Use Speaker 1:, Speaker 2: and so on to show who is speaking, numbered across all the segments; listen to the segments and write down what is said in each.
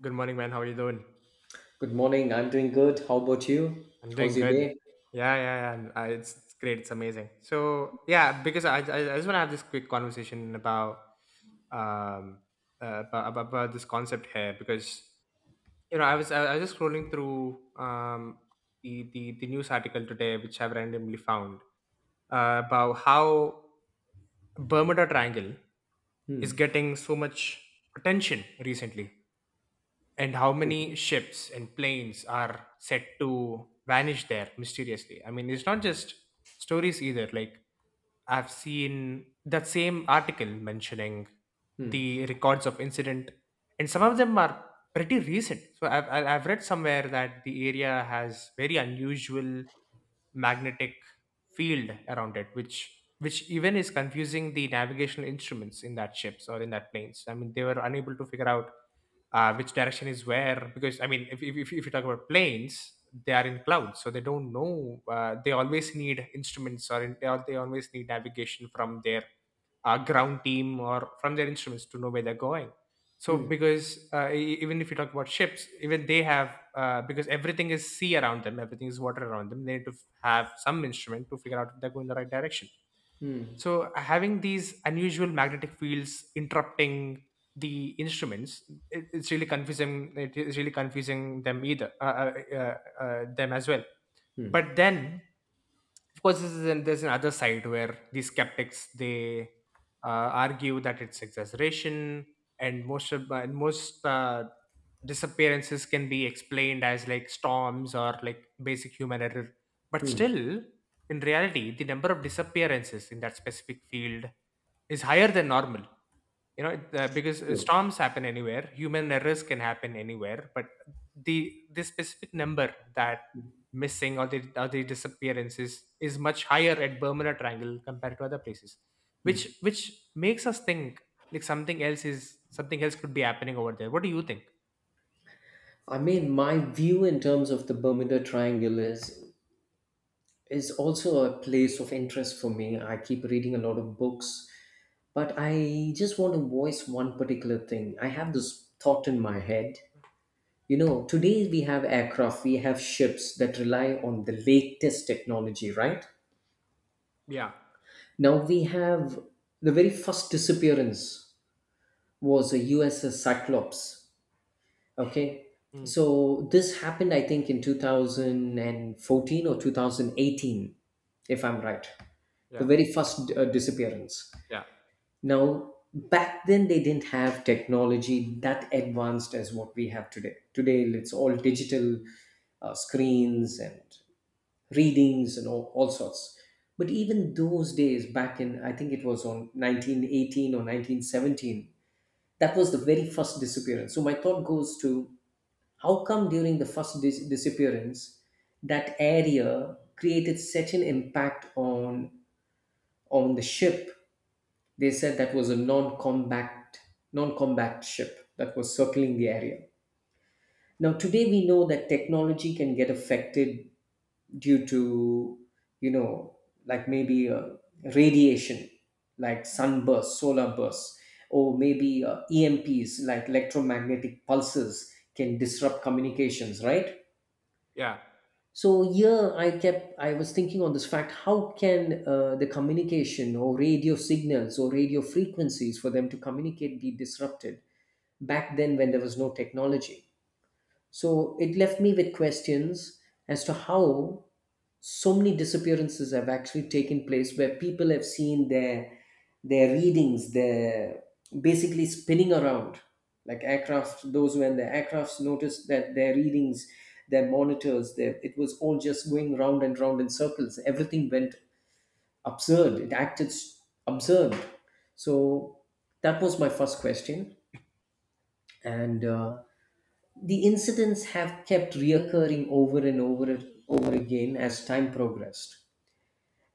Speaker 1: Good morning, man. How are you doing?
Speaker 2: Good morning. I'm doing good. How about you?
Speaker 1: I'm doing
Speaker 2: How's your
Speaker 1: good.
Speaker 2: day?
Speaker 1: It's great. It's amazing. So yeah, because I just want to have this quick conversation about um about this concept here because I was just scrolling through um the news article today which I've randomly found about how Bermuda Triangle
Speaker 2: Hmm.
Speaker 1: is getting so much attention recently. And how many
Speaker 2: True.
Speaker 1: ships and planes are set to vanish there mysteriously? I mean, it's not just stories either. Like, I've seen that same article mentioning
Speaker 2: Hmm.
Speaker 1: the records of incident, and some of them are pretty recent. So I've read somewhere that the area has very unusual magnetic field around it which even is confusing the navigational instruments in that ships or in that planes. I mean, they were unable to figure out which direction is where, because I mean if you talk about planes, they are in clouds, so they don't know. They always need instruments, or they always need navigation from their ground team or from their instruments to know where they're going. So,
Speaker 2: Hmm.
Speaker 1: because even if you talk about ships, even they have because everything is sea around them, everything is water around them. They need to have some instrument to figure out if they're going the right direction.
Speaker 2: Hmm. Hmm.
Speaker 1: So, having these unusual magnetic fields interrupting the instruments, it's really confusing. It is really confusing them either, them as well.
Speaker 2: Hmm.
Speaker 1: But then, of course, there's another side where the skeptics, they argue that it's exaggeration, and most of and most disappearances can be explained as like storms or like basic human error. But
Speaker 2: Hmm.
Speaker 1: still, in reality, the number of disappearances in that specific field is higher than normal. Because
Speaker 2: True.
Speaker 1: storms happen anywhere, human errors can happen anywhere, but the this specific number, that missing, or the disappearances, is much higher at bermuda triangle compared to other places, which
Speaker 2: Hmm.
Speaker 1: makes us think like something else is, something else could be happening over there. What do you think?
Speaker 2: I mean, my view in terms of the Bermuda Triangle is also a place of interest for me. I keep reading a lot of books, but I just want to voice one particular thing. I have this thought in my head. You know, today we have aircraft, we have ships that rely on the latest technology, right?
Speaker 1: Yeah.
Speaker 2: Now we have the very first disappearance was a USS Cyclops. Okay.
Speaker 1: Mm.
Speaker 2: So this happened, I think, in 2014 or 2018, if I'm right. The
Speaker 1: Yeah,
Speaker 2: very first disappearance.
Speaker 1: yeah,
Speaker 2: Now, back then, they didn't have technology that advanced as what we have today. Today, it's all digital screens and readings and all sorts. But even those days, back in, I think it was on 1918 or 1917, that was the very first disappearance, so my thought goes to how come during the first disappearance that area created such an impact on the ship. They said that was a non-combat ship that was circling the area. Now today we know that technology can get affected due to, you know, like maybe radiation, like sunburst solar bursts, or maybe emps, like electromagnetic pulses can disrupt communications, right?
Speaker 1: yeah.
Speaker 2: So here I was thinking on this fact, how can the communication or radio signals or radio frequencies for them to communicate be disrupted back then when there was no technology? So it left me with questions as to how so many disappearances have actually taken place, where people have seen their readings, their basically spinning around. Like aircraft, those when the aircrafts noticed that their readings, their monitors, their, it was all just going round and round in circles. Everything went absurd. Absurd. So that was my first question. And The incidents have kept reoccurring over and over again as time progressed,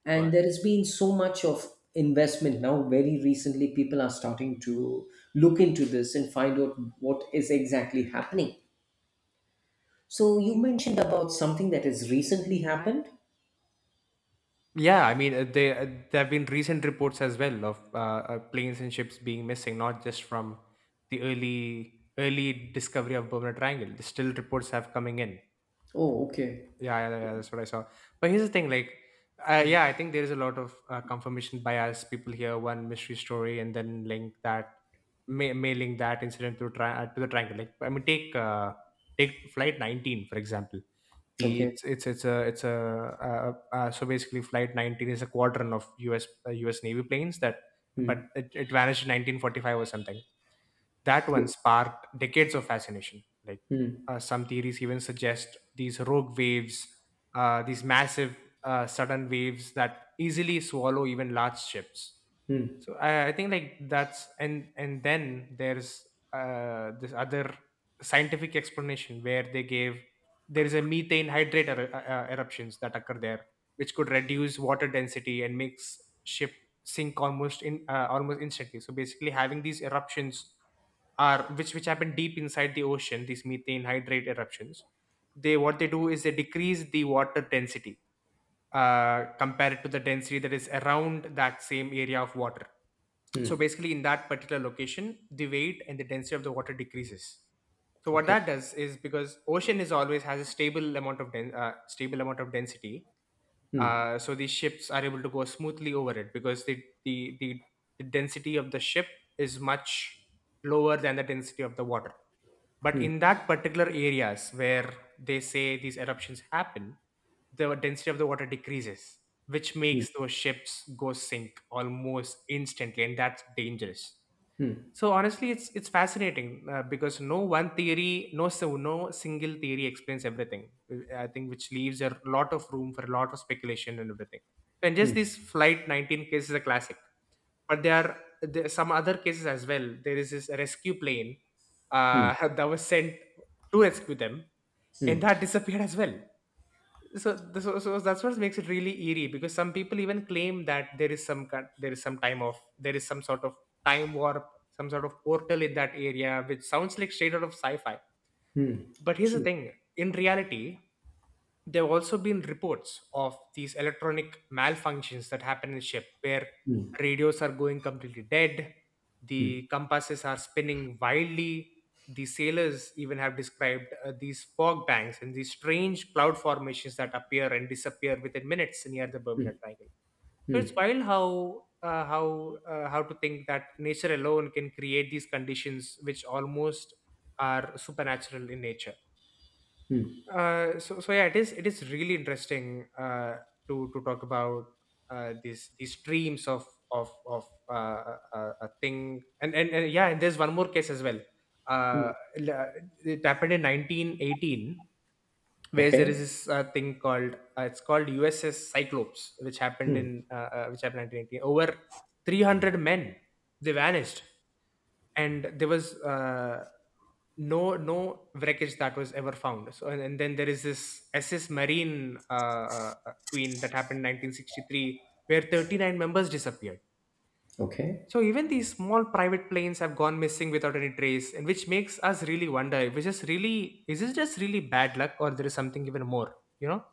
Speaker 2: and there has been so much of investment. Now very recently people are starting to look into this and find out what is exactly happening. So you mentioned about something that has recently happened.
Speaker 1: Yeah, I mean, there have been recent reports as well of planes and ships being missing, not just from the early discovery of Bermuda Triangle. Still, reports have coming in.
Speaker 2: Oh, okay.
Speaker 1: Yeah, yeah, yeah, that's what I saw. But here's the thing, like, yeah, I think there is a lot of confirmation bias. People hear one mystery story and then may link that incident to the triangle. Like, I mean, take flight 19 for example. The
Speaker 2: Okay.
Speaker 1: it's a so basically flight 19 is a squadron of U.S. Navy planes that,
Speaker 2: Hmm.
Speaker 1: but it vanished in 1945 or something. That one
Speaker 2: Yes.
Speaker 1: sparked decades of fascination. Like,
Speaker 2: Hmm.
Speaker 1: some theories even suggest these rogue waves, these massive sudden waves that easily swallow even large ships.
Speaker 2: Hmm.
Speaker 1: So I think like that's, and then there's this other scientific explanation where they gave, there is a methane hydrate eruptions that occur there, which could reduce water density and makes ship sink almost in almost instantly. So basically, having these eruptions are which happen deep inside the ocean, these methane hydrate eruptions, they what they do is they decrease the water density compared to the density that is around that same area of water.
Speaker 2: Hmm.
Speaker 1: So basically in that particular location the weight and the density of the water decreases. So what
Speaker 2: Okay.
Speaker 1: that does is, because ocean is always has a stable amount of stable amount of density,
Speaker 2: Hmm.
Speaker 1: so these ships are able to go smoothly over it because the the density of the ship is much lower than the density of the water. But
Speaker 2: Hmm.
Speaker 1: in that particular areas where they say these eruptions happen, the density of the water decreases, which
Speaker 2: Hmm.
Speaker 1: makes those ships go sink almost instantly, and that's dangerous.
Speaker 2: Hmm.
Speaker 1: So honestly, it's fascinating because no one theory, no so no single theory explains everything. I think, which leaves a lot of room for a lot of speculation and everything. And
Speaker 2: Hmm.
Speaker 1: just this flight 19 case is a classic, but there are some other cases as well. There is this rescue plane
Speaker 2: Hmm.
Speaker 1: uh, that was sent to rescue them, and that
Speaker 2: Hmm.
Speaker 1: disappeared as well. So, that's what makes it really eerie, because some people even claim that there is some kind, there is some time of there is some sort of time warp, some sort of portal in that area, which sounds like straight out of sci-fi.
Speaker 2: Hmm.
Speaker 1: But here's the
Speaker 2: True.
Speaker 1: thing, in reality there have also been reports of these electronic malfunctions that happen in the ship where
Speaker 2: Hmm.
Speaker 1: radios are going completely dead,
Speaker 2: Hmm.
Speaker 1: the compasses are spinning wildly, the sailors even have described these fog banks and these strange cloud formations that appear and disappear within minutes near the bermuda triangle. So it's
Speaker 2: Hmm.
Speaker 1: wild how how to think that nature alone can create these conditions which almost are supernatural in nature.
Speaker 2: Hmm.
Speaker 1: So yeah, it is really interesting to talk about these streams of a thing, and yeah, and there's one more case as well. Uh,
Speaker 2: Hmm.
Speaker 1: l- uh, it happened in 1918, where there is
Speaker 2: Okay.
Speaker 1: this thing called, it's called USS Cyclops,
Speaker 2: Mm.
Speaker 1: which happened in 1980. Over 300 men they vanished, and there was no wreckage that was ever found. So and then there is this SS Marine Queen that happened in 1963, where 39 members disappeared.
Speaker 2: Okay.
Speaker 1: So even these small private planes have gone missing without any trace, and which makes us really wonder: if it's just really is this just really bad luck, or there is something even more? You know.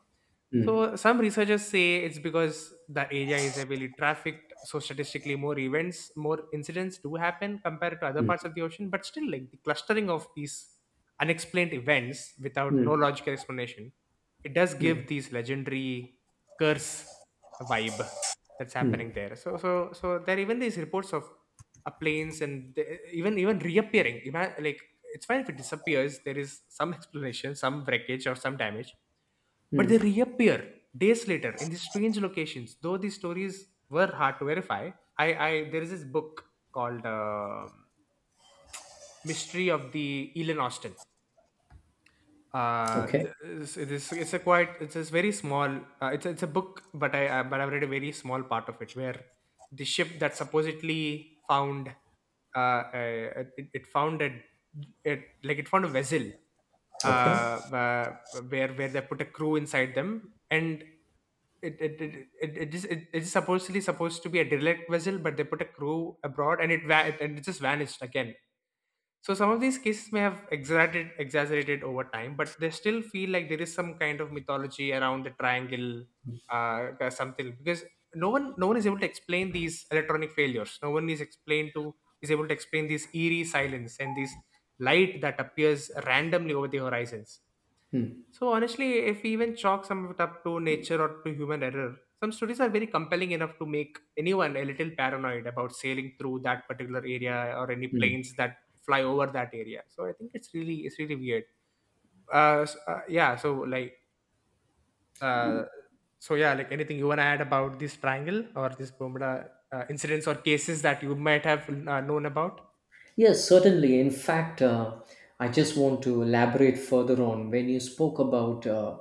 Speaker 2: Mm.
Speaker 1: So some researchers say it's because the area is heavily trafficked, so statistically more events, more incidents do happen compared to other
Speaker 2: Mm.
Speaker 1: parts of the ocean. But still, like the clustering of these unexplained events without no
Speaker 2: Mm.
Speaker 1: logical explanation, it does give these legendary curse vibe that's happening
Speaker 2: Mm.
Speaker 1: there. So there are even these reports of planes even reappearing. Like, it's fine if it disappears. There is some explanation, some wreckage or some damage, but they
Speaker 2: Mm.
Speaker 1: reappear days later in these strange locations. Though these stories were hard to verify, I, there is this book called Mystery of the Elon Austin. uh,
Speaker 2: Okay.
Speaker 1: th- it's, it's, it's a quite it's a very small it's a book, but I've read a very small part of it where the ship that supposedly found, it found a, it like it found a vessel uh,
Speaker 2: Okay.
Speaker 1: uh where they put a crew inside them, and it it it, it, it's supposedly supposed to be a derelict vessel, but they put a crew abroad and it just vanished again. So some of these cases may have exaggerated over time, but they still feel like there is some kind of mythology around the triangle, uh, or something. Because no one is able to explain these electronic failures. No one is explained to Is able to explain this eerie silence and this light that appears randomly over the horizons.
Speaker 2: Mm.
Speaker 1: So honestly, if we even chalk some of it up to nature or to human error, some stories are very compelling enough to make anyone a little paranoid about sailing through that particular area or any
Speaker 2: Mm.
Speaker 1: planes that fly over that area. So I think it's really, it's really weird. Yeah. So like, uh, yeah, like anything you wanna add about this triangle or this Bermuda incidents or cases that you might have known about?
Speaker 2: Yes, certainly. In fact, I just want to elaborate further on when you spoke about,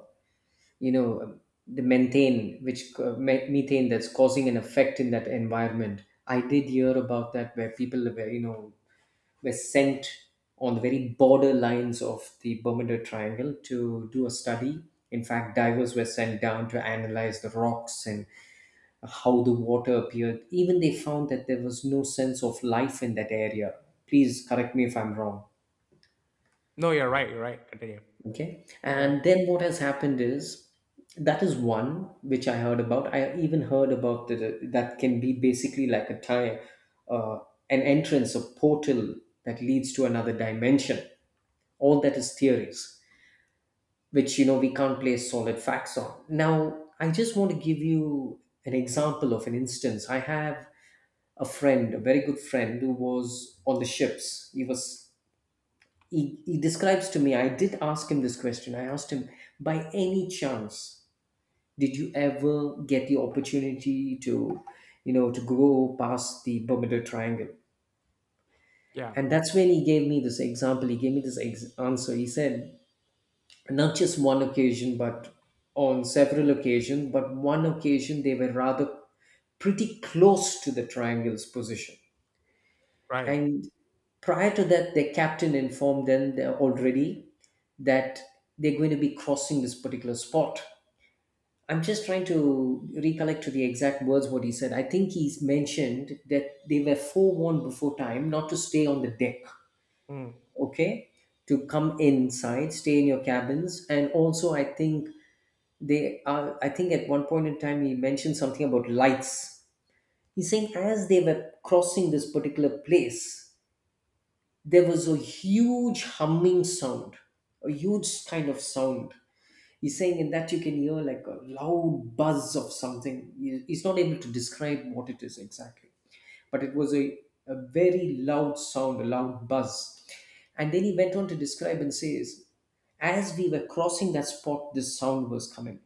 Speaker 2: you know, the methane, which methane that's causing an effect in that environment. I did hear about that, where people were, you know, were sent on the very border lines of the Bermuda Triangle to do a study. In fact, divers were sent down to analyze the rocks and how the water appeared. Even they found that there was no sense of life in that area. Please correct me if I'm wrong.
Speaker 1: No, you're right. You're right. Continue.
Speaker 2: Okay.
Speaker 1: Yeah.
Speaker 2: And then what has happened is that is one which I heard about. I even heard about that can be basically like a tie, uh, an entrance, a portal that leads to another dimension. All that is theories which, you know, we can't place solid facts on now. I just want to give you an example of an instance. I have a friend, a very good friend, who was on the ships. He describes to me. I did ask him this question. I asked him, by any chance did you ever get the opportunity to, you know, to go past the Bermuda Triangle?
Speaker 1: Yeah.
Speaker 2: And that's when he gave me this example. He gave me this answer. He said not just one occasion, but on several occasions. But one occasion, they were rather pretty close to the triangle's position.
Speaker 1: Right.
Speaker 2: And prior to that, their captain informed them that already that they're going to be crossing this particular spot. I'm just trying to recollect to the exact words what he said. I think he's mentioned that they were forewarned before time not to stay on the deck,
Speaker 1: Mm,
Speaker 2: okay? To come inside, stay in your cabins, and also I think they are, I think at one point in time he mentioned something about lights. He's saying as they were crossing this particular place, there was a huge humming sound, a huge kind of sound. He's saying in that you can hear like a loud buzz of something. He's not able to describe what it is exactly, but it was a very loud sound, a loud buzz. And then he went on to describe and says, as we were crossing that spot, this sound was coming.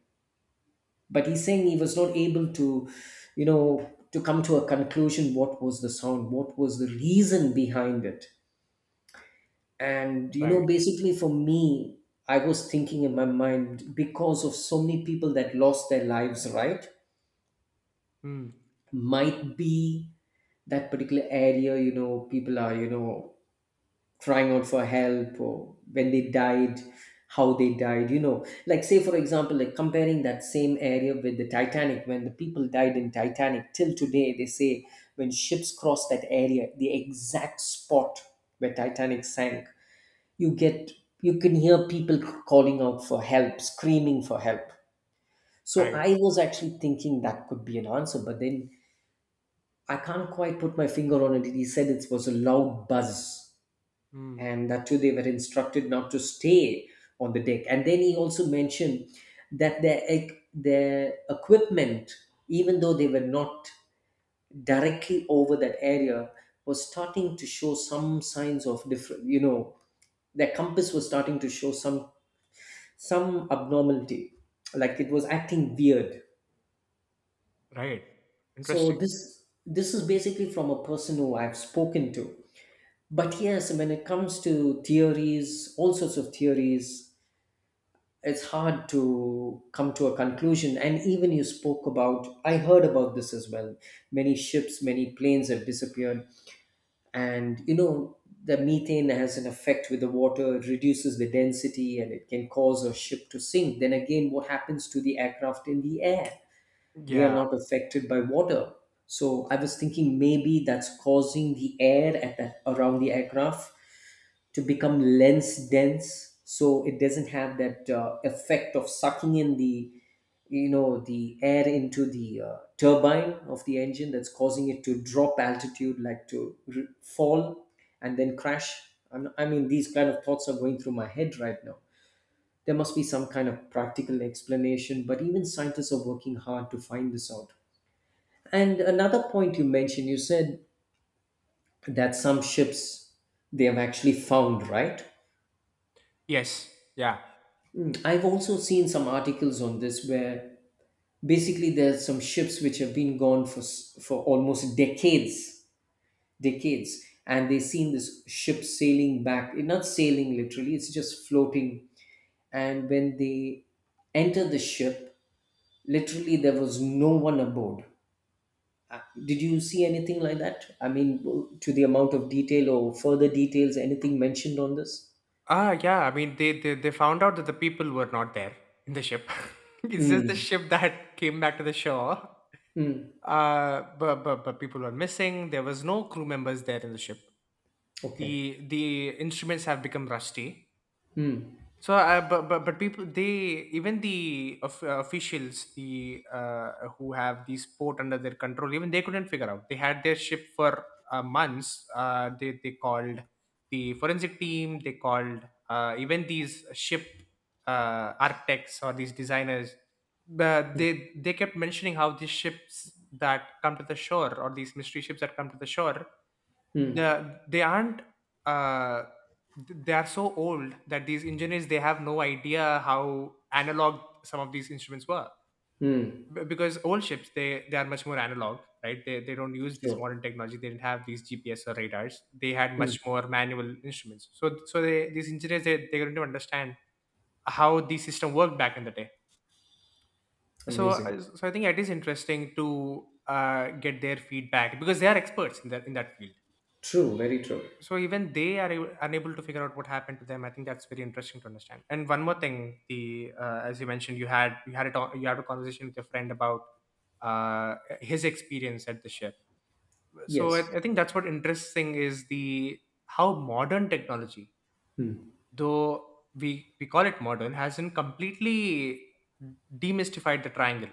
Speaker 2: But he's saying he was not able to, you know, to come to a conclusion what was the sound, what was the reason behind it. And, you know,
Speaker 1: right.
Speaker 2: basically for me, I was thinking in my mind, because of so many people that lost their lives, right,
Speaker 1: Mm,
Speaker 2: might be that particular area, you know, people are, you know, crying out for help, or when they died, how they died, you know, like say for example, like comparing that same area with the Titanic. When the people died in Titanic, till today they say when ships cross that area, the exact spot where Titanic sank, you get, you can hear people calling out for help, screaming for help. So
Speaker 1: right.
Speaker 2: I was actually thinking that could be an answer, but then I can't quite put my finger on it. He said it was a loud buzz,
Speaker 1: Mm.
Speaker 2: and that too they were instructed not to stay on the deck. And then he also mentioned that their equipment, even though they were not directly over that area, was starting to show some signs of different, you know, their compass was starting to show some abnormality, like it was acting weird.
Speaker 1: Right.
Speaker 2: So
Speaker 1: Interesting.
Speaker 2: this is basically from a person who I've spoken to. But yes, when it comes to theories, all sorts of theories, it's hard to come to a conclusion. And even you spoke about, I heard about this as well, many ships, many planes have disappeared. And, you know, the methane has an effect with the water. It reduces the density and it can cause a ship to sink. Then again, what happens to the aircraft in the air? They are
Speaker 1: Yeah.
Speaker 2: not affected by water. So I was thinking maybe that's causing the air at around the aircraft to become lens dense, so it doesn't have that effect of sucking in the, you know, the air into the turbine of the engine, that's causing it to drop altitude, like to fall and then crash. I mean, these kind of thoughts are going through my head right now. There must be some kind of practical explanation, but even scientists are working hard to find this out. And another point you mentioned, you said that some ships, they have actually found, right?
Speaker 1: Yes. Yeah.
Speaker 2: Mm, I've also seen some articles on this, where basically there's some ships which have been gone for for almost decades, decades, and they've seen this ship sailing back. Eh, not sailing literally; it's just floating. And when they enter the ship, literally there was no one aboard. Did you see anything like that? I mean, to the amount of detail or further details, anything mentioned on this?
Speaker 1: Ah, yeah. I mean, they found out that the people were not there in the ship. It's just the
Speaker 2: Hmm.
Speaker 1: ship that came back to the shore.
Speaker 2: Hmm.
Speaker 1: But people were missing. There was no crew members there in the ship.
Speaker 2: Okay.
Speaker 1: The instruments have become rusty.
Speaker 2: Hmm.
Speaker 1: So, but people, they even officials, the who have the sport under their control, even they couldn't figure out. They had their ship for months. They called the forensic team. They called even these ship architects or these designers. But they kept mentioning how these ships that come to the shore or these mystery ships that come to the shore
Speaker 2: Hmm.
Speaker 1: the they aren't uh they are so old that these engineers they have no idea how analog some of these instruments were.
Speaker 2: Hmm.
Speaker 1: Because old ships, they are much more analog, right? They don't use this modern
Speaker 2: True.
Speaker 1: technology, they didn't have these gps or radars, they had much
Speaker 2: Hmm.
Speaker 1: more manual instruments. So so they these engineers, they couldn't even understand how the system worked back in the day. so
Speaker 2: Amazing.
Speaker 1: uh, so I think it is interesting to get their feedback because they are experts in that field.
Speaker 2: True. Very true.
Speaker 1: So even they are unable to figure out what happened to them, I think that's very interesting to understand. And one more thing, the as you mentioned, you had a talk, you had a conversation with your friend about his experience at the ship. So
Speaker 2: Yes.
Speaker 1: I think that's what interesting is, the how modern technology,
Speaker 2: Hmm.
Speaker 1: though we call it modern, hasn't completely demystified the triangle.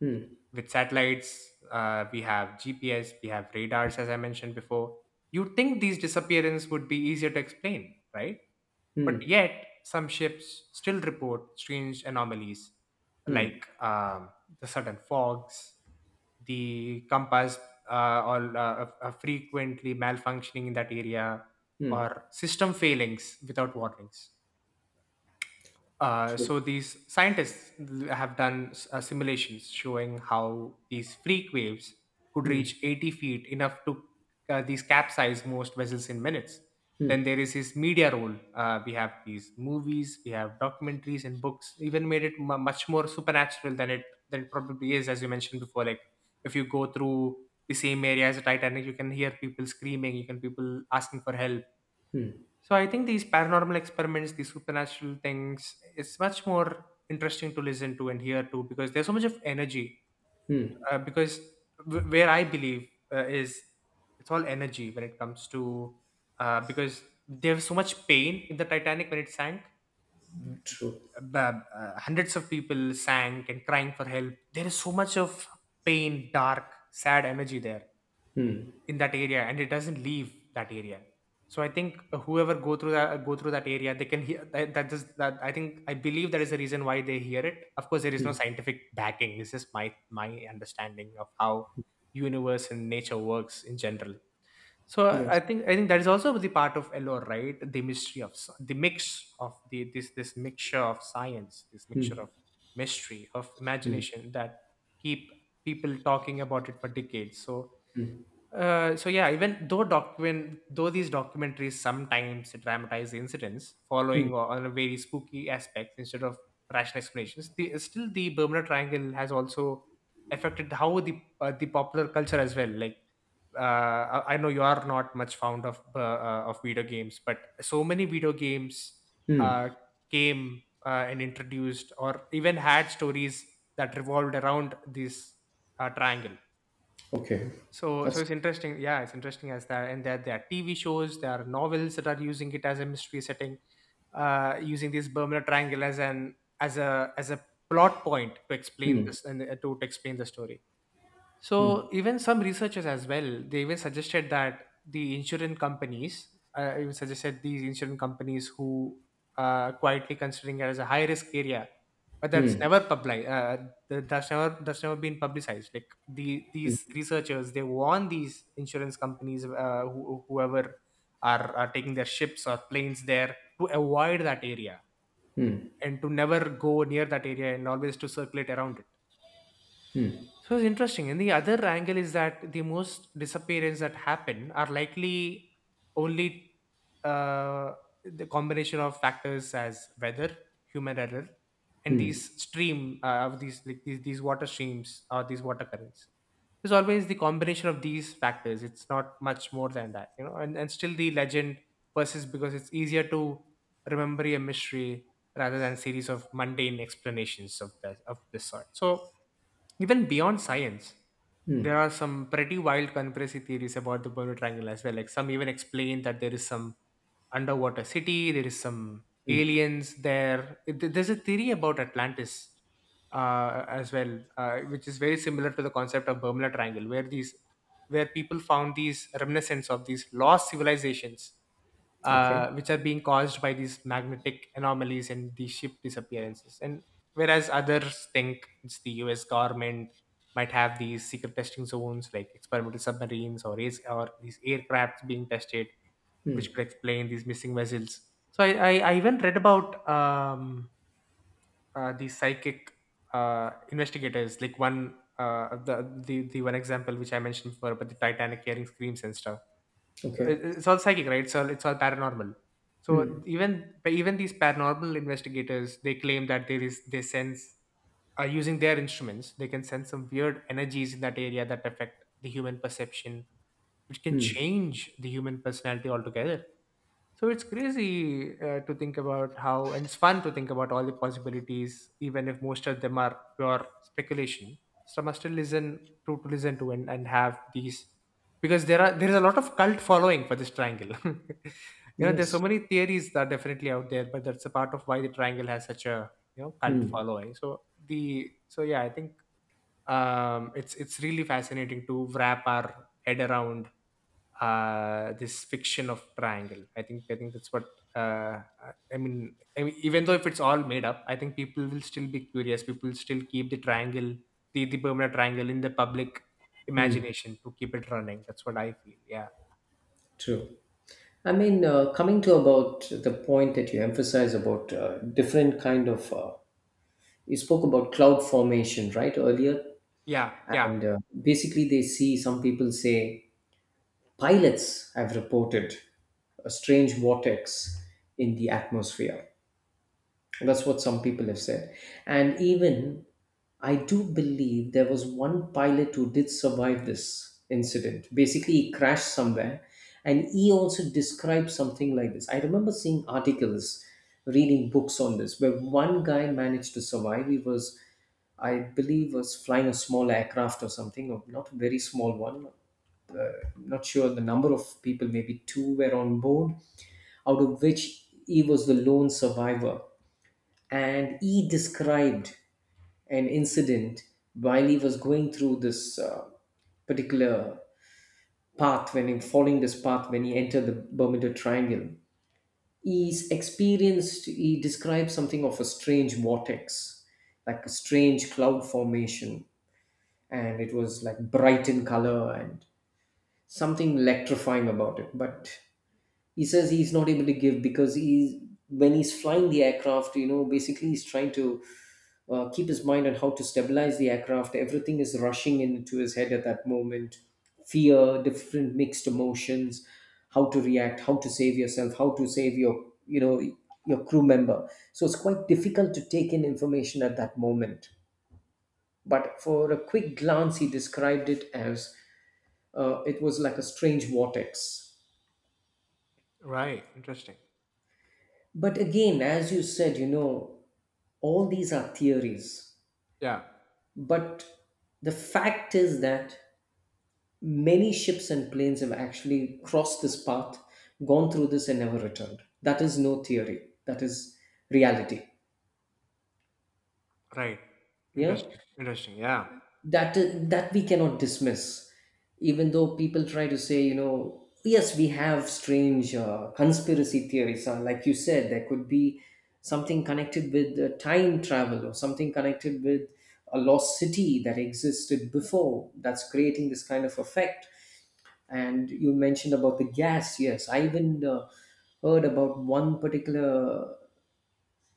Speaker 2: Hmm.
Speaker 1: With satellites, we have gps, we have radars, as I mentioned before, you'd think these disappearance would be easier to explain, right? But
Speaker 2: Hmm.
Speaker 1: yet, some ships still report strange anomalies, like
Speaker 2: Hmm.
Speaker 1: the sudden fogs, the compass, uh, all frequently malfunctioning in that area,
Speaker 2: Hmm.
Speaker 1: or system failings without warnings.
Speaker 2: True.
Speaker 1: So these scientists have done simulations showing how these freak waves could
Speaker 2: Hmm.
Speaker 1: reach 80 feet, enough to these capsize most vessels in minutes.
Speaker 2: Hmm.
Speaker 1: Then there is his media role. We have these movies, we have documentaries and books. Even made it mu much more supernatural than it probably is, as you mentioned before. Like if you go through the same area as the Titanic, you can hear people screaming, you can people asking for help.
Speaker 2: Hmm.
Speaker 1: So I think these paranormal experiments, these supernatural things, it's much more interesting to listen to and hear too because there's so much of energy.
Speaker 2: Hmm.
Speaker 1: Because where I believe is, it's all energy when it comes to, because there was so much pain in the Titanic when it sank. M-
Speaker 2: True.
Speaker 1: uh, Hundreds of people sank and crying for help. There is so much of pain, dark, sad energy there
Speaker 2: Hmm.
Speaker 1: in that area, and it doesn't leave that area. So I think whoever go through that area, they can hear that, that is that, I think, I believe that is the reason why they hear it. Of course there is no
Speaker 2: Hmm.
Speaker 1: scientific backing, this is my my understanding of how universe and nature works in general. So I
Speaker 2: Yes.
Speaker 1: think that is also the part of lore, right? The mystery of the mix of the this this mixture of science, this mixture
Speaker 2: Hmm.
Speaker 1: of mystery of
Speaker 2: Hmm.
Speaker 1: imagination that keep people talking about it for decades. so
Speaker 2: Hmm.
Speaker 1: uh, so yeah, even though document though these documentaries sometimes dramatize the incidents
Speaker 2: Hmm.
Speaker 1: following or on a very spooky aspects instead of rational explanations, the, still the Bermuda Triangle has also affected how the popular culture as well. Like I know you are not much fond of video games, but so many video games
Speaker 2: Hmm.
Speaker 1: uh, came and introduced or even had stories that revolved around this triangle.
Speaker 2: Okay.
Speaker 1: So
Speaker 2: That's.
Speaker 1: it's interesting. Yeah, it's interesting as that, and that there are TV shows, there are novels that are using it as a mystery setting, using this Bermuda Triangle as an as a plot point to explain
Speaker 2: Hmm.
Speaker 1: this, and to explain the story. So even some researchers as well, they even suggested that the insurance companies, even suggested these insurance companies who are quietly considering it as a high risk area, but that's
Speaker 2: Hmm.
Speaker 1: never public. That's never been publicized. Like these researchers, they warn these insurance companies, who, whoever are taking their ships or planes there, to avoid that area
Speaker 2: Hmm.
Speaker 1: and to never go near that area and always to circulate around it. So it's interesting. And the other angle is that the most disappearance that happen are likely only uh, the combination of factors as weather, human error, and these stream of these, like, these water streams or these water currents. There's always the combination of these factors. It's not much more than that, you know. And still the legend persists because it's easier to remember a mystery rather than series of mundane explanations of the of this sort. So even beyond science, there are some pretty wild conspiracy theories about the Bermuda Triangle as well. Like some even explain that there is some underwater city, there is some aliens there. There's a theory about Atlantis as well, which is very similar to the concept of Bermuda Triangle, where these where people found these remnants of these lost civilizations,
Speaker 2: Okay.
Speaker 1: which are being caused by these magnetic anomalies and the ship disappearances. And whereas others think it's the US government might have these secret testing zones like experimental submarines, or these aircrafts being tested,
Speaker 2: Hmm.
Speaker 1: which could explain these missing vessels. So I even read about these psychic investigators, like one the one example which I mentioned before about the Titanic hearing screams and stuff.
Speaker 2: Okay.
Speaker 1: It's all psychic, right? It's all paranormal. So
Speaker 2: Hmm.
Speaker 1: even these paranormal investigators, they claim that there is they sense, using their instruments they can sense some weird energies in that area that affect the human perception, which can
Speaker 2: Hmm.
Speaker 1: change the human personality altogether. So it's crazy to think about how, and it's fun to think about all the possibilities, even if most of them are pure speculation. Some are still listen to, and have these because there is a lot of cult following for this triangle. There's so
Speaker 2: Yes,
Speaker 1: many theories that are definitely out there, but that's a part of why the triangle has such a, you know, cult
Speaker 2: mm,
Speaker 1: following. So yeah, I think it's really fascinating to wrap our head around this fiction of triangle. I think that's what uh, I mean, even though if it's all made up, I think people will still be curious. People will still keep the triangle, the Bermuda Triangle, in the public imagination to keep it running. That's what I feel. Yeah,
Speaker 2: true. I mean, coming to about the point that you emphasize about different kind of, you spoke about cloud formation, right, earlier,
Speaker 1: yeah, yeah.
Speaker 2: and basically they see some people say pilots have reported a strange vortex in the atmosphere. That's what some people have said. And even I do believe there was one pilot who did survive this incident. Basically, he crashed somewhere and he also described something like this. I remember seeing articles, reading books on this, where one guy managed to survive. He was, I believe, was flying a small aircraft or something, or not a very small one. I'm not sure the number of people, maybe two were on board, out of which he was the lone survivor. And he described an incident while he was going through this particular path, when he following this path, when he entered the Bermuda Triangle. He's experienced, he described something of a strange vortex, like a strange cloud formation, and it was like bright in color and something electrifying about it. But he says he's not able to give because he's when he's flying the aircraft, you know, basically he's trying to keep his mind on how to stabilize the aircraft. Everything is rushing into his head at that moment, fear, different mixed emotions, how to react, how to save yourself, how to save your you know your crew member. So it's quite difficult to take in information at that moment, but for a quick glance he described it as it was like a strange vortex.
Speaker 1: Right. Interesting.
Speaker 2: But again, as you said, you know, all these are theories,
Speaker 1: Yeah.
Speaker 2: but the fact is that many ships and planes have actually crossed this path, gone through this, and never returned. That is no theory, that is reality.
Speaker 1: Right.
Speaker 2: Yeah,
Speaker 1: Interesting. Interesting. Yeah.
Speaker 2: that that we cannot dismiss, even though people try to say, you know, yes, we have strange conspiracy theories. Like you said, there could be something connected with time travel, or something connected with a lost city that existed before, that's creating this kind of effect. And you mentioned about the gas. Yes, I even heard about one particular,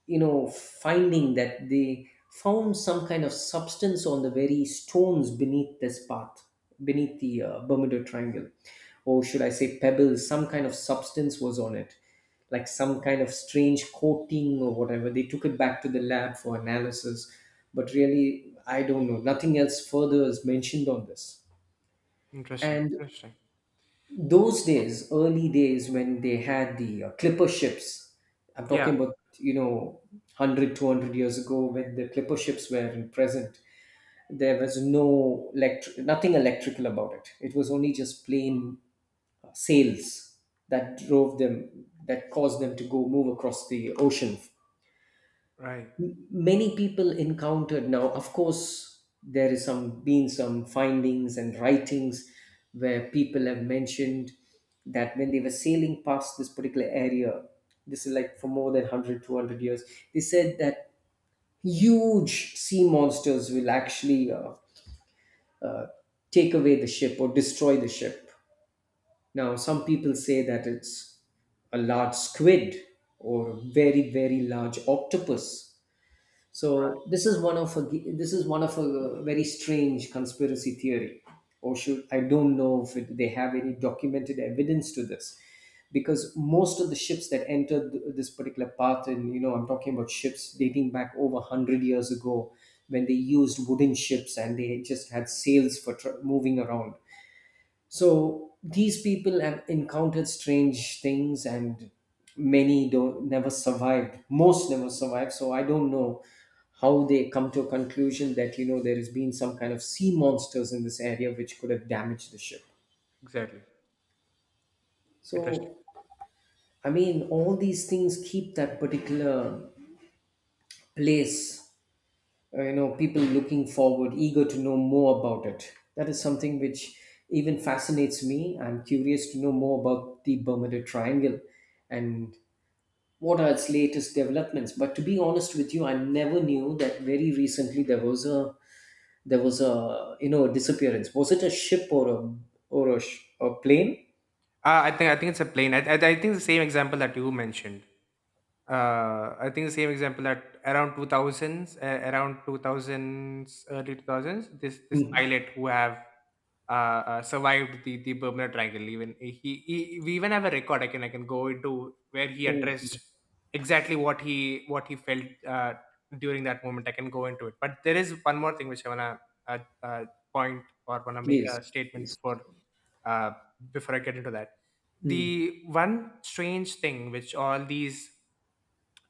Speaker 2: you know, finding, that they found some kind of substance on the very stones beneath this path, beneath the Bermuda Triangle, or should I say pebbles. Some kind of substance was on it, like some kind of strange coating, or whatever. They took it back to the lab for analysis, but really, I don't know, nothing else further is mentioned on this.
Speaker 1: Interesting.
Speaker 2: And
Speaker 1: Interesting.
Speaker 2: those days, early days, when they had the clipper ships, I'm
Speaker 1: Yeah.
Speaker 2: talking about, you know, 100, 200 years ago, when the clipper ships were in present, there was no nothing electrical about it. It was only just plain sails that drove them, that caused them to go move across the ocean.
Speaker 1: Right.
Speaker 2: Many people encountered. Now, of course, there is some, been some findings and writings where people have mentioned that when they were sailing past this particular area, this is like for more than 100, 200 years, they said that huge sea monsters will actually uh, take away the ship or destroy the ship. Now some people say that it's a large squid, or a very very large octopus. So
Speaker 1: Right.
Speaker 2: this is one of a very strange conspiracy theory, or should — I don't know if it, they have any documented evidence to this, because most of the ships that entered this particular path, and you know I'm talking about ships dating back over 100 years ago, when they used wooden ships and they just had sails for tr moving around. So these people have encountered strange things, and many don't never survived. Most never survived. So I don't know how they come to a conclusion that, you know, there has been some kind of sea monsters in this area which could have damaged the ship.
Speaker 1: Exactly. Interesting.
Speaker 2: So I mean, all these things keep that particular place. You know, people looking forward, eager to know more about it. That is something which even fascinates me. I'm curious to know more about the Bermuda Triangle, and what are its latest developments. But to be honest with you, I never knew that very recently there was a, you know, a disappearance. Was it a ship, or a or a a plane?
Speaker 1: I think it's a plane. I think the same example that you mentioned, I think the same example at around 2000s, around 2000s, early 2000s, this
Speaker 2: Mm.
Speaker 1: pilot who have survived the Bermuda Triangle. Even we even have a record. I can go into where he
Speaker 2: Oh, okay.
Speaker 1: addressed exactly what he felt during that moment. I can go into it. But there is one more thing which I wanna uh, uh, point or wanna make a
Speaker 2: Please,
Speaker 1: statement
Speaker 2: please.
Speaker 1: before uh, before I get into that.
Speaker 2: Mm.
Speaker 1: The one strange thing which all these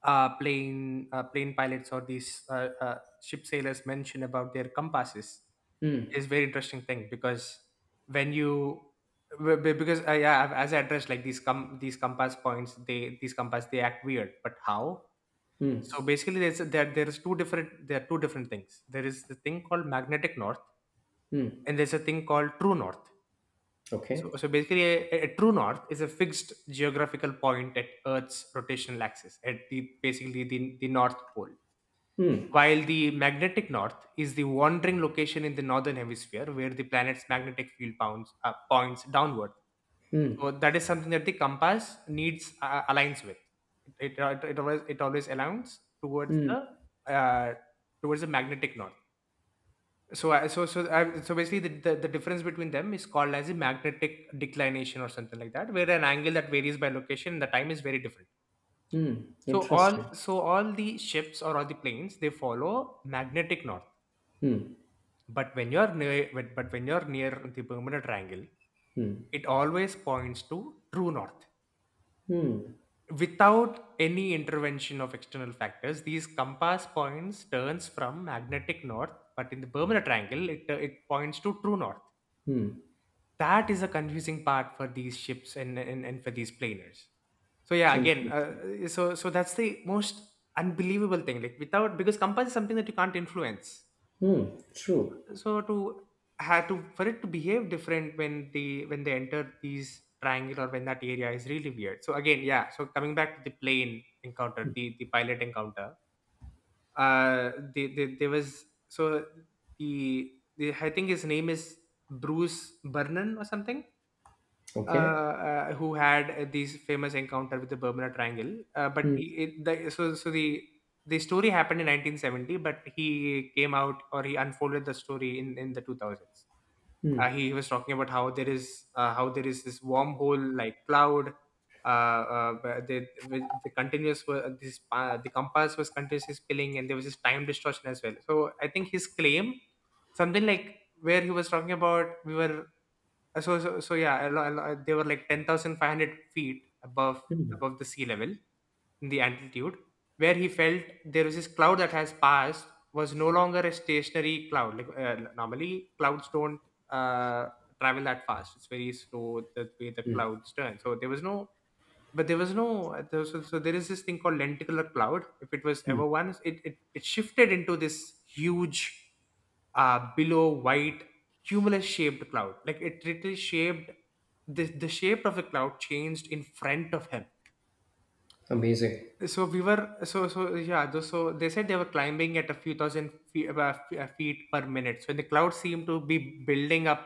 Speaker 1: plane pilots or these ship sailors mention about their compasses
Speaker 2: Mm.
Speaker 1: is very interesting thing. Because when you be- because yeah, I've, as I addressed like these com these compass points, they, these compass, they act weird, but how?
Speaker 2: Mm.
Speaker 1: So basically there's a, there there's two different, there are two different things. There is the thing called magnetic north,
Speaker 2: Mm.
Speaker 1: and there's a thing called true north. so
Speaker 2: Okay.
Speaker 1: so basically a true north is a fixed geographical point at earth's rotational axis, at the basically the north pole,
Speaker 2: Mm.
Speaker 1: while the magnetic north is the wandering location in the northern hemisphere where the planet's magnetic field pounds, points downward.
Speaker 2: Mm.
Speaker 1: So that is something that the compass needs aligns with. It always aligns
Speaker 2: Mm.
Speaker 1: towards the magnetic north. So so basically the, the difference between them is called as a magnetic declination or something like that, where an angle that varies by location and the time is very different.
Speaker 2: Mm.
Speaker 1: So
Speaker 2: Interesting.
Speaker 1: all so all the ships or all the planes they follow magnetic north
Speaker 2: Mm.
Speaker 1: but when you're near the bermuda triangle
Speaker 2: Mm.
Speaker 1: it always points to true north
Speaker 2: Mm.
Speaker 1: without any intervention of external factors these compass points turns from magnetic north, but in the bermuda triangle it points to true north.
Speaker 2: Mm.
Speaker 1: That is a confusing part for these ships and for these planers. So yeah, again
Speaker 2: Interesting.
Speaker 1: uh, so so that's the most unbelievable thing, like, without, because compass is something that you can't influence.
Speaker 2: Mm. True.
Speaker 1: So to had to, for it to behave different when they enter these triangle or when, that area is really weird. So again, yeah, so coming back to the plane encounter, the pilot encounter, there was, so the, the I think his name is bruce vernon or something,
Speaker 2: Okay.
Speaker 1: who had these famous encounter with the Bermuda Triangle. But
Speaker 2: Mm.
Speaker 1: he, it, the, so so the story happened in 1970, but he came out, or he unfolded the story in the 2000s.
Speaker 2: Mm.
Speaker 1: He was talking about how there is this wormhole like cloud. Where with the continuous were this the compass was continuously spilling, and there was this time distortion as well. So I think his claim, something like where he was talking about we were, so yeah, they were like 10,500 feet above, above the sea level, in the altitude, where he felt there was this cloud that has passed, was no longer a stationary cloud. Like, normally, clouds don't uh, travel that fast. It's very slow the way the
Speaker 2: Mm.
Speaker 1: clouds turn. So there was no, but there was no there was- so, so there is this thing called lenticular cloud. If it was
Speaker 2: Mm.
Speaker 1: ever one, it shifted into this huge below white cumulus shaped cloud, like it literally shaped, the shape of the cloud changed in front of him.
Speaker 2: Amazing.
Speaker 1: So we were, so they said they were climbing at a few thousand feet, feet per minute, so the clouds seemed to be building up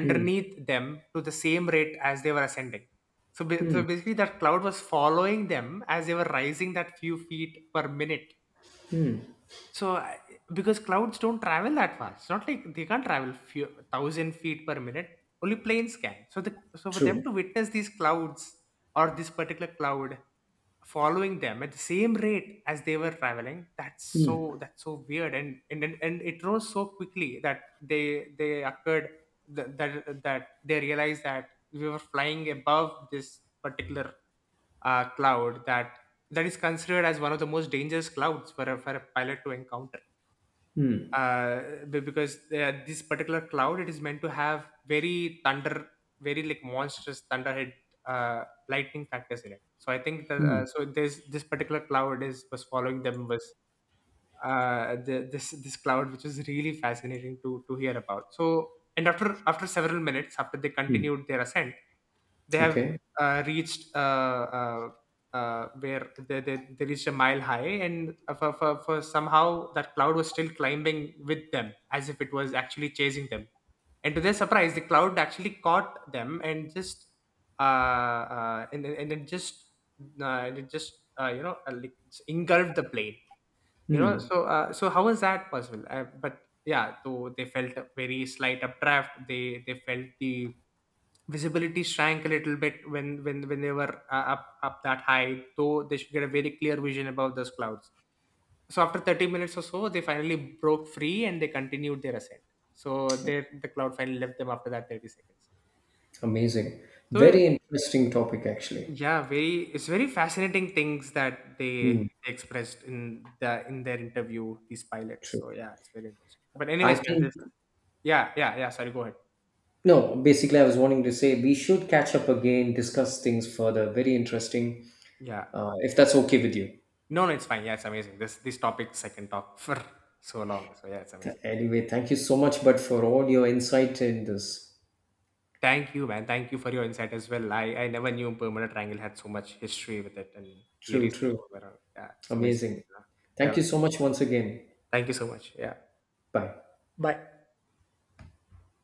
Speaker 2: Hmm.
Speaker 1: them to the same rate as they were ascending. So
Speaker 2: Hmm.
Speaker 1: basically that cloud was following them as they were rising that few feet per minute. so, I- because clouds don't travel that fast, it's not like they can't travel few thousand feet per minute. Only planes can. So, the, so for them
Speaker 2: True.
Speaker 1: to witness these clouds, or this particular cloud, following them at the same rate as they were traveling, that's
Speaker 2: Mm,
Speaker 1: so, that's so weird. And it rose so quickly that they occurred, that they realized that we were flying above this particular cloud that, that is considered as one of the most dangerous clouds for for a pilot to encounter.
Speaker 2: mm,
Speaker 1: Uh, be- because This particular cloud, it is meant to have very thunder, very like monstrous thunderhead, uh, lightning factors in it. So I think that uh,
Speaker 2: mm,
Speaker 1: so this this particular cloud is, was following them, was this this cloud, which was really fascinating to hear about. So, and after, after several minutes, after they
Speaker 2: mm.
Speaker 1: continued their ascent, they have
Speaker 2: Okay.
Speaker 1: reached where they reached a mile high, and for somehow that cloud was still climbing with them as if it was actually chasing them. And to their surprise, the cloud actually caught them, and just, and it just, and it just, like engulfed the plane, you know.
Speaker 2: Mm.
Speaker 1: So so how is that possible? But yeah, though they felt a very slight updraft, they felt the visibility shrank a little bit, when they were up that high, though they should get a very clear vision above those clouds. So after 30 minutes or so, they finally broke free, and they continued their ascent. So there the cloud finally left them after that 30 seconds.
Speaker 2: Amazing.
Speaker 1: So
Speaker 2: Very interesting topic, actually.
Speaker 1: yeah, very, it's very fascinating things that they
Speaker 2: Mm.
Speaker 1: expressed in the, in their interview, these pilots.
Speaker 2: True.
Speaker 1: So yeah, it's very interesting. But
Speaker 2: I
Speaker 1: anyways, man,
Speaker 2: think,
Speaker 1: this, yeah, yeah, yeah, sorry, go ahead.
Speaker 2: no, basically, I was wanting to say we should catch up again, discuss things further. Very interesting,
Speaker 1: Yeah.
Speaker 2: if that's okay with you.
Speaker 1: No, no, it's fine. Yeah, it's amazing. This topic I can talk for so long. So yeah, it's amazing.
Speaker 2: Anyway, thank you so much, but for all your insight in this.
Speaker 1: Thank you, man. Thank you for your insight as well. I never knew permanent triangle had so much history with it, and
Speaker 2: True,
Speaker 1: theories that
Speaker 2: true.
Speaker 1: were around. Yeah, it's amazing.
Speaker 2: Amazing.
Speaker 1: Yeah. Yeah.
Speaker 2: Thank you so much once again.
Speaker 1: Thank you so much. Yeah.
Speaker 2: Bye.
Speaker 1: Bye.